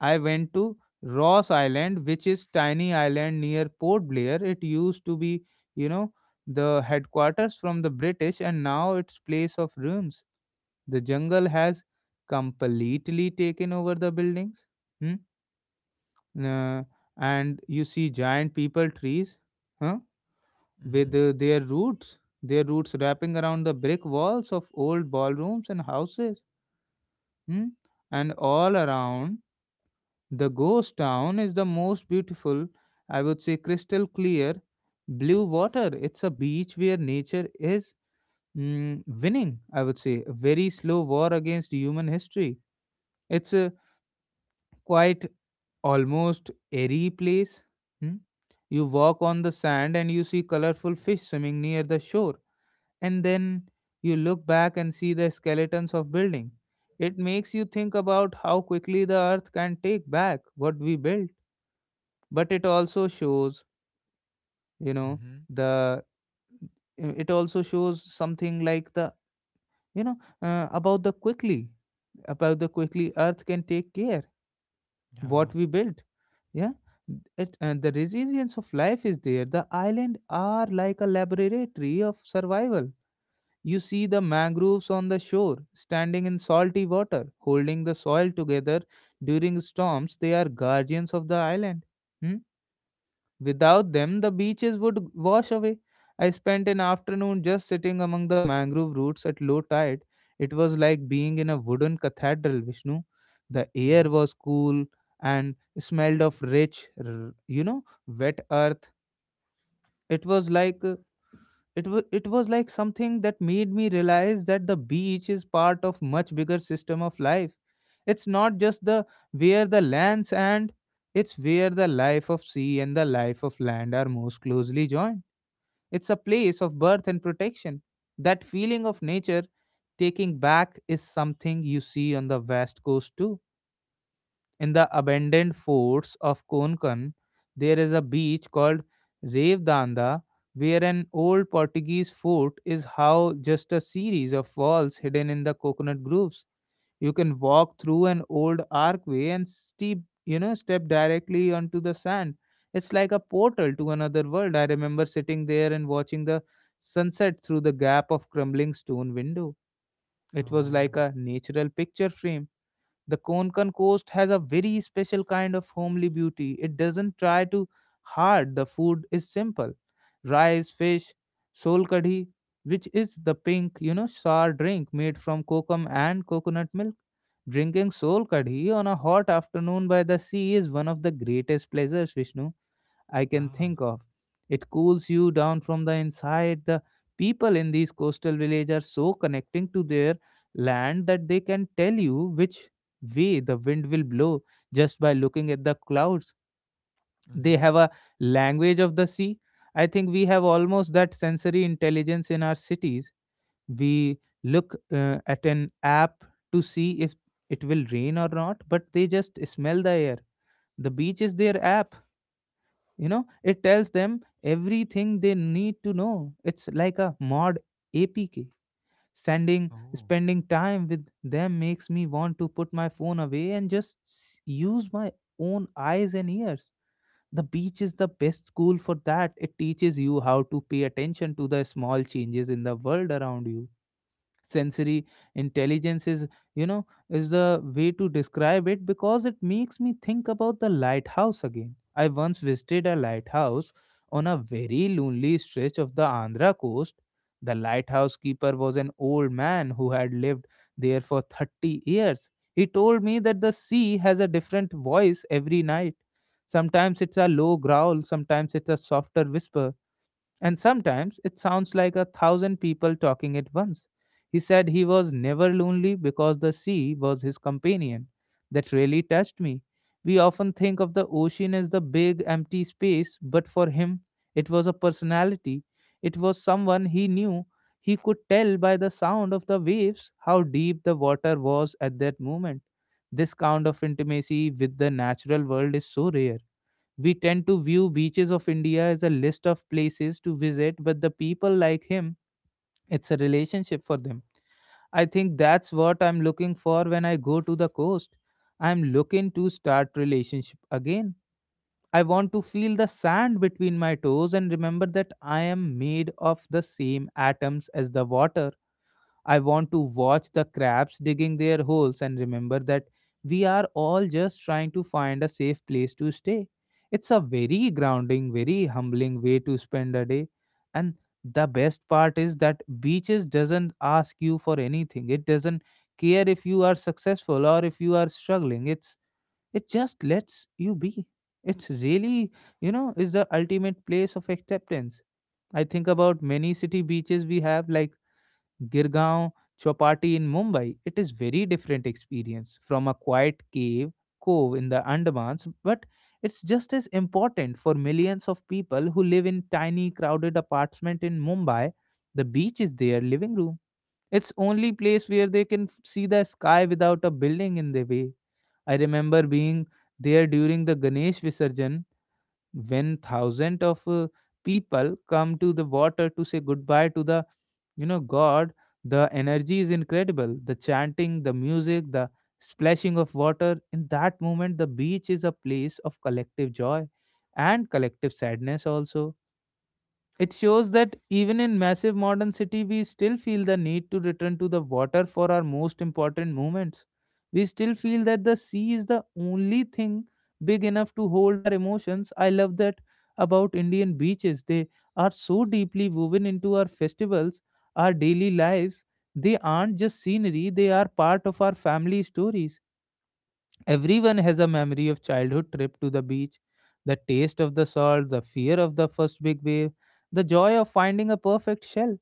I went to Ross Island, which is tiny island near Port Blair. It used to be, you know, the headquarters from the British, and now it's place of ruins. The jungle has completely taken over the buildings. Hmm? Uh, and you see giant people trees, huh? With Mm-hmm. Their roots wrapping around the brick walls of old ballrooms and houses. Hmm? And all around, the ghost town is the most beautiful, I would say, crystal clear blue water. It's a beach where nature is, mm, winning, I would say, a very slow war against human history. It's a, quite, almost airy place. Hmm? You walk on the sand and you see colorful fish swimming near the shore, and then you look back and see the skeletons of building. It makes you think about how quickly the earth can take back what we built, but it also shows, you know, Mm-hmm. the it also shows something like the you know uh, about the quickly about the quickly earth can take care Yeah. what we built. Yeah. It, and the resilience of life is there. The island are like a laboratory of survival. You see the mangroves on the shore, standing in salty water, holding the soil together. During storms, they are guardians of the island. Hmm? Without them, the beaches would wash away. I spent an afternoon just sitting among the mangrove roots at low tide. It was like being in a wooden cathedral, Vishnu. The air Mm-hmm. was cool and smelled of rich, wet earth. It was like uh, it was like something that made me realize that the beach is part of much bigger system of life. It's not just the where the lands, and it's where the life of sea and the life of land are most closely joined. It's a place of birth and protection. That feeling of nature taking back is something you see on the west coast too, in the abandoned forts of Konkan. There is a beach called Revdanda, where an old Portuguese fort is how just a series of walls hidden in the coconut groves. You can walk through an old archway and steep, step directly onto the sand. It's like a portal to another world. I remember sitting there and watching the sunset through the gap of crumbling stone window. It was Oh. like a natural picture frame. The Konkan coast has a very special kind of homely beauty. It doesn't try too hard. The food is simple. Rice, fish, sol kadhi, which is the pink, sour drink made from kokum and coconut milk. Drinking sol kadhi on a hot afternoon by the sea is one of the greatest pleasures, Vishnu, I can Yeah. think of. It cools you down from the inside. The people in these coastal villages are so connecting to their land that they can tell you which way the wind will blow just by looking at the clouds. They Mm-hmm. have a language of the sea. I think we have almost that sensory intelligence in our cities. We look at an app to see if it will rain or not, but they just smell the air. The beach is their app. It tells them everything they need to know. It's like a mod apk sending Oh. spending time with them makes me want to put my phone away and just use my own eyes and ears. The beach is the best school for that. It teaches you how to pay attention to the small changes in the world around you. Sensory intelligence is you know is the way to describe it, because it makes me think about the lighthouse again. I once visited a lighthouse on a very lonely stretch of the Andhra coast. The lighthouse keeper was an old man who had lived there for 30 years. He told me that the sea has a different voice every night. Sometimes it's a low growl, sometimes it's a softer whisper, and sometimes it sounds like a thousand people talking at once. He said he was never lonely because the sea was his companion. That really touched me. We often think of the ocean as the big empty space, but for him, it was a personality. It was someone he knew. He could tell by the sound of the waves how deep the water was at that moment. This kind of intimacy with the natural world is so rare. We tend to view beaches of India as a list of places to visit, but the people like him, it's a relationship for them. I think that's what I'm looking for when I go to the coast. I'm looking to start relationship again. I want to feel the sand between my toes and remember that I am made of the same atoms as the water. I want to watch the crabs digging their holes and remember that we are all just trying to find a safe place to stay. It's a very grounding, very humbling way to spend a day. And the best part is that beaches doesn't ask you for anything. It doesn't care if you are successful or if you are struggling. It just lets you be. It's really, is the ultimate place of acceptance. I think about many city beaches we have like Girgaon chapati in Mumbai. It is very different experience from a quiet cave cove in the Andamans, but it's just as important for millions of people who live in tiny crowded apartment in Mumbai. The beach is their living room. It's only place where they can see the sky without a building in their way. I remember being there during the Ganesh Visarjan, when thousands of people come to the water to say goodbye to the god. The energy is incredible, the chanting, the music, the splashing of water. In that moment the beach is a place of collective joy and collective sadness also. It shows that even in massive modern city, we still feel the need to return to the water for our most important moments. We still feel that the sea is the only thing big enough to hold our emotions. I love that about Indian beaches. They are so deeply woven into our festivals, our daily lives. They aren't just scenery, they are part of our family stories. Everyone has a memory of childhood trip to the beach, the taste of the salt, the fear of the first big wave, the joy of finding a perfect shell.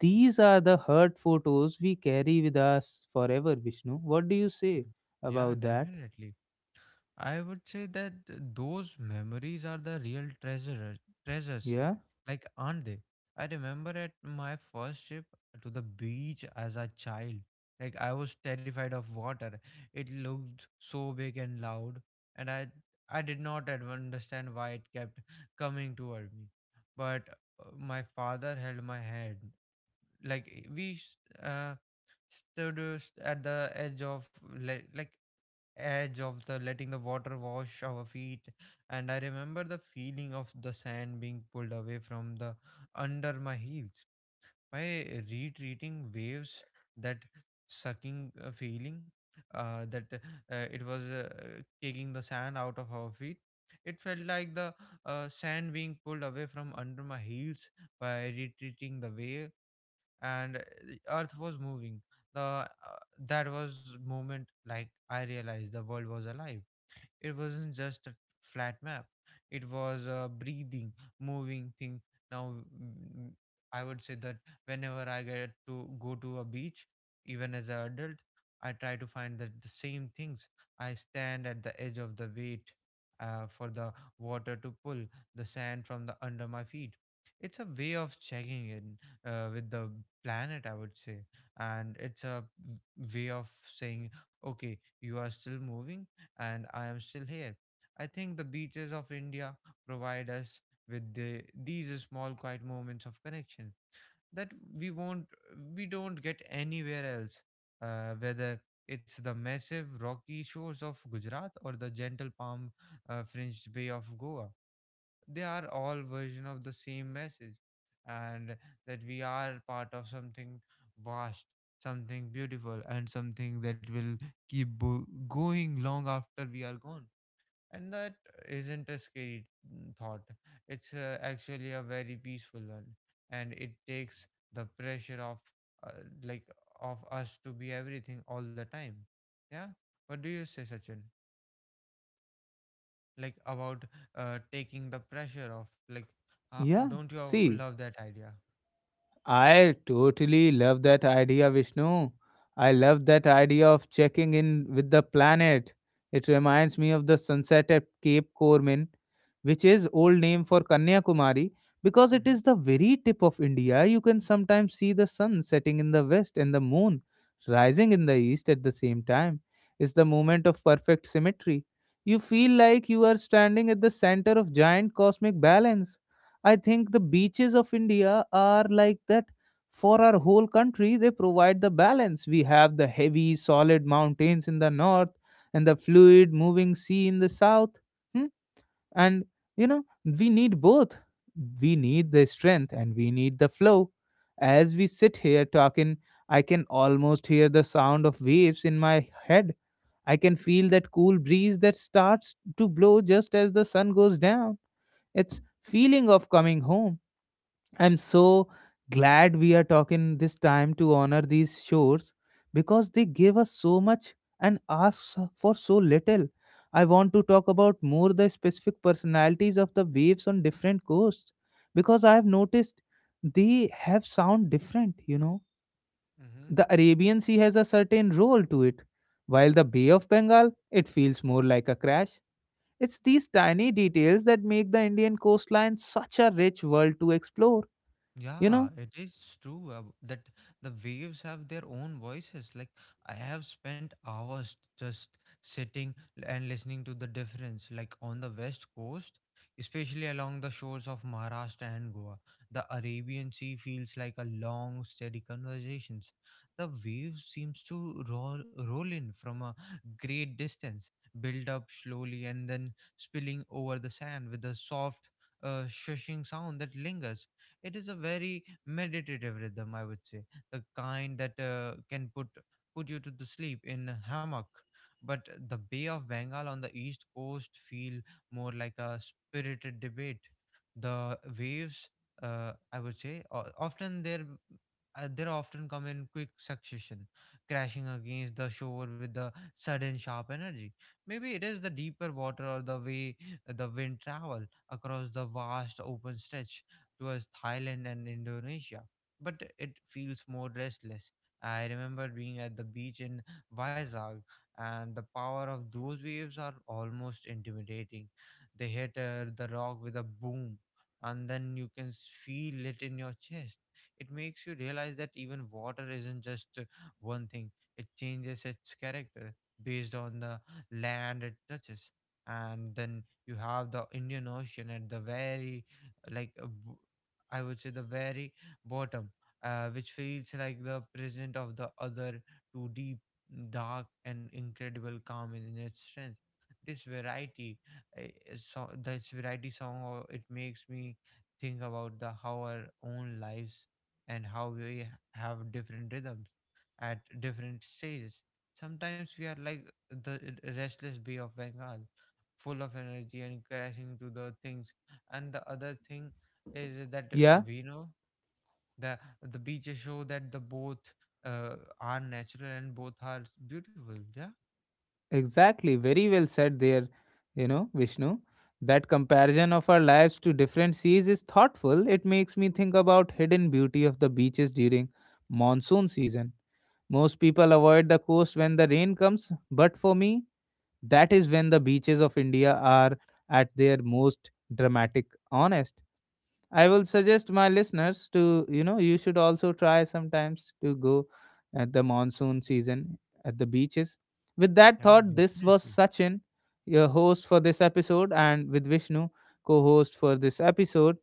These are the hurt photos we carry with us forever, Vishnu. What do you Mm. say Yeah, about that? definitely. I would say that those memories are the real treasures. Yeah? Like, aren't they? I remember at my first trip to the beach as a child. Like, I was terrified of water. It looked so big and loud, and I did not understand why it kept coming toward me. But my father held my hand. Like, we uh, stood, at the edge of, like edge of the, letting the water wash our feet. And I remember the feeling of the sand being pulled away from the under my heels by retreating waves, that sucking feeling, that it was taking the sand out of our feet. It felt like the sand being pulled away from under my heels by retreating the wave, and earth was moving. The That was moment, like I realized the world was alive. It wasn't just a flat map. It was a breathing, moving thing. Now, mm, I would say that whenever I get to go to a beach, even as an adult, I try to find that the same things. I stand at the edge of the weight, for the water to pull the sand from the under my feet. It's a way of checking in, with the planet, I would say, and it's a way of saying, okay, you are still moving and I am still here. I think the beaches of India provide us with these small quiet moments of connection that we won't we don't get anywhere else, whether it's the massive rocky shores of Gujarat or the gentle palm, fringed bay of Goa. They are all version of the same message, and that we are part of something vast, something beautiful, and something that will keep going long after we are gone. And that isn't a scary thought. It's actually a very peaceful one, and it takes the pressure of, uh, like, of us to be everything all the time. Yeah. What do you say, Sachin? Like about taking the pressure off, like, Yeah. don't you See, love that idea? I totally love that idea, Vishnu. I love that idea of checking in with the planet. It reminds me of the sunset at Cape Corman, which is old name for Kanyakumari, because it Mm-hmm. is the very tip of India. You can sometimes see the sun setting in the west and the moon rising in the east at the same time. It's the moment of perfect symmetry. You feel like you are standing at the center of giant cosmic balance. I think the beaches of India are like that for our whole country. They provide the balance. We have the heavy, solid mountains in the north and the fluid, moving sea in the south. Hmm? And, we need both. We need the strength and we need the flow. As we sit here talking, I can almost hear the sound of waves in my head. I can feel that cool breeze that starts to blow just as the sun goes down. It's feeling of coming home. I'm so glad we are talking this time to honor these shores, because they gave us so much and asked for so little. I want to talk about more the specific personalities of the waves on different coasts, because I have noticed they have sound different, Mm-hmm. The Arabian Sea has a certain roll to it, while the Bay of Bengal it feels more like a crash. It's these tiny details that make the Indian coastline such a rich world to explore, you Yeah, know it is true, that the waves have their own voices. Like, I have spent hours just sitting and listening to the difference. Like, on the west coast, especially along the shores of Maharashtra and Goa, the Arabian Sea feels like a long, steady conversations. The waves seems to roll in from a great distance, build up slowly, and then spilling over the sand with a soft, shushing sound that lingers. It is a very meditative rhythm, I would say, the kind that can put you to the sleep in a hammock. But the Bay of Bengal on the east coast feel more like a spirited debate. The waves, I would say, o- often they're they often come in quick succession, crashing against the shore with the sudden sharp energy. Maybe it is the deeper water or the way the wind travel across the vast open stretch towards Thailand and Indonesia, but it feels more restless. I remember being at the beach in Vizag, and the power of those waves are almost intimidating. They hit, the rock with a boom, and then you can feel it in your chest. It makes you realize that even water isn't just one thing, it changes its character based on the land it touches. And then you have the Indian Ocean at the very, like uh, b- I would say the very bottom, which feels like the present of the other, too deep, dark, and incredible calm in its strength. This variety, uh, so this variety song, it makes me think about the how our own lives and how we have different rhythms at different stages. Sometimes we are like the restless Bay of Bengal, full of energy and crashing to the things, and the other thing is that Yeah, we know the beaches show that the both are natural and both are beautiful. Yeah. exactly. Very well said there, Vishnu. That comparison of our lives to different seas is thoughtful. It makes me think about hidden beauty of the beaches during monsoon season. Most people avoid the coast when the rain comes, but for me, that is when the beaches of India are at their most dramatic, honest. I will suggest my listeners to, you should also try sometimes to go at the monsoon season at the beaches. With that Yeah, thought, this was definitely. Sachin, your host for this episode, and with Vishnu, co host for this episode.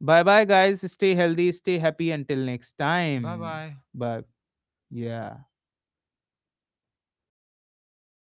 Bye bye, guys. Stay healthy, stay happy until next Bye time. bye. Bye. Yeah.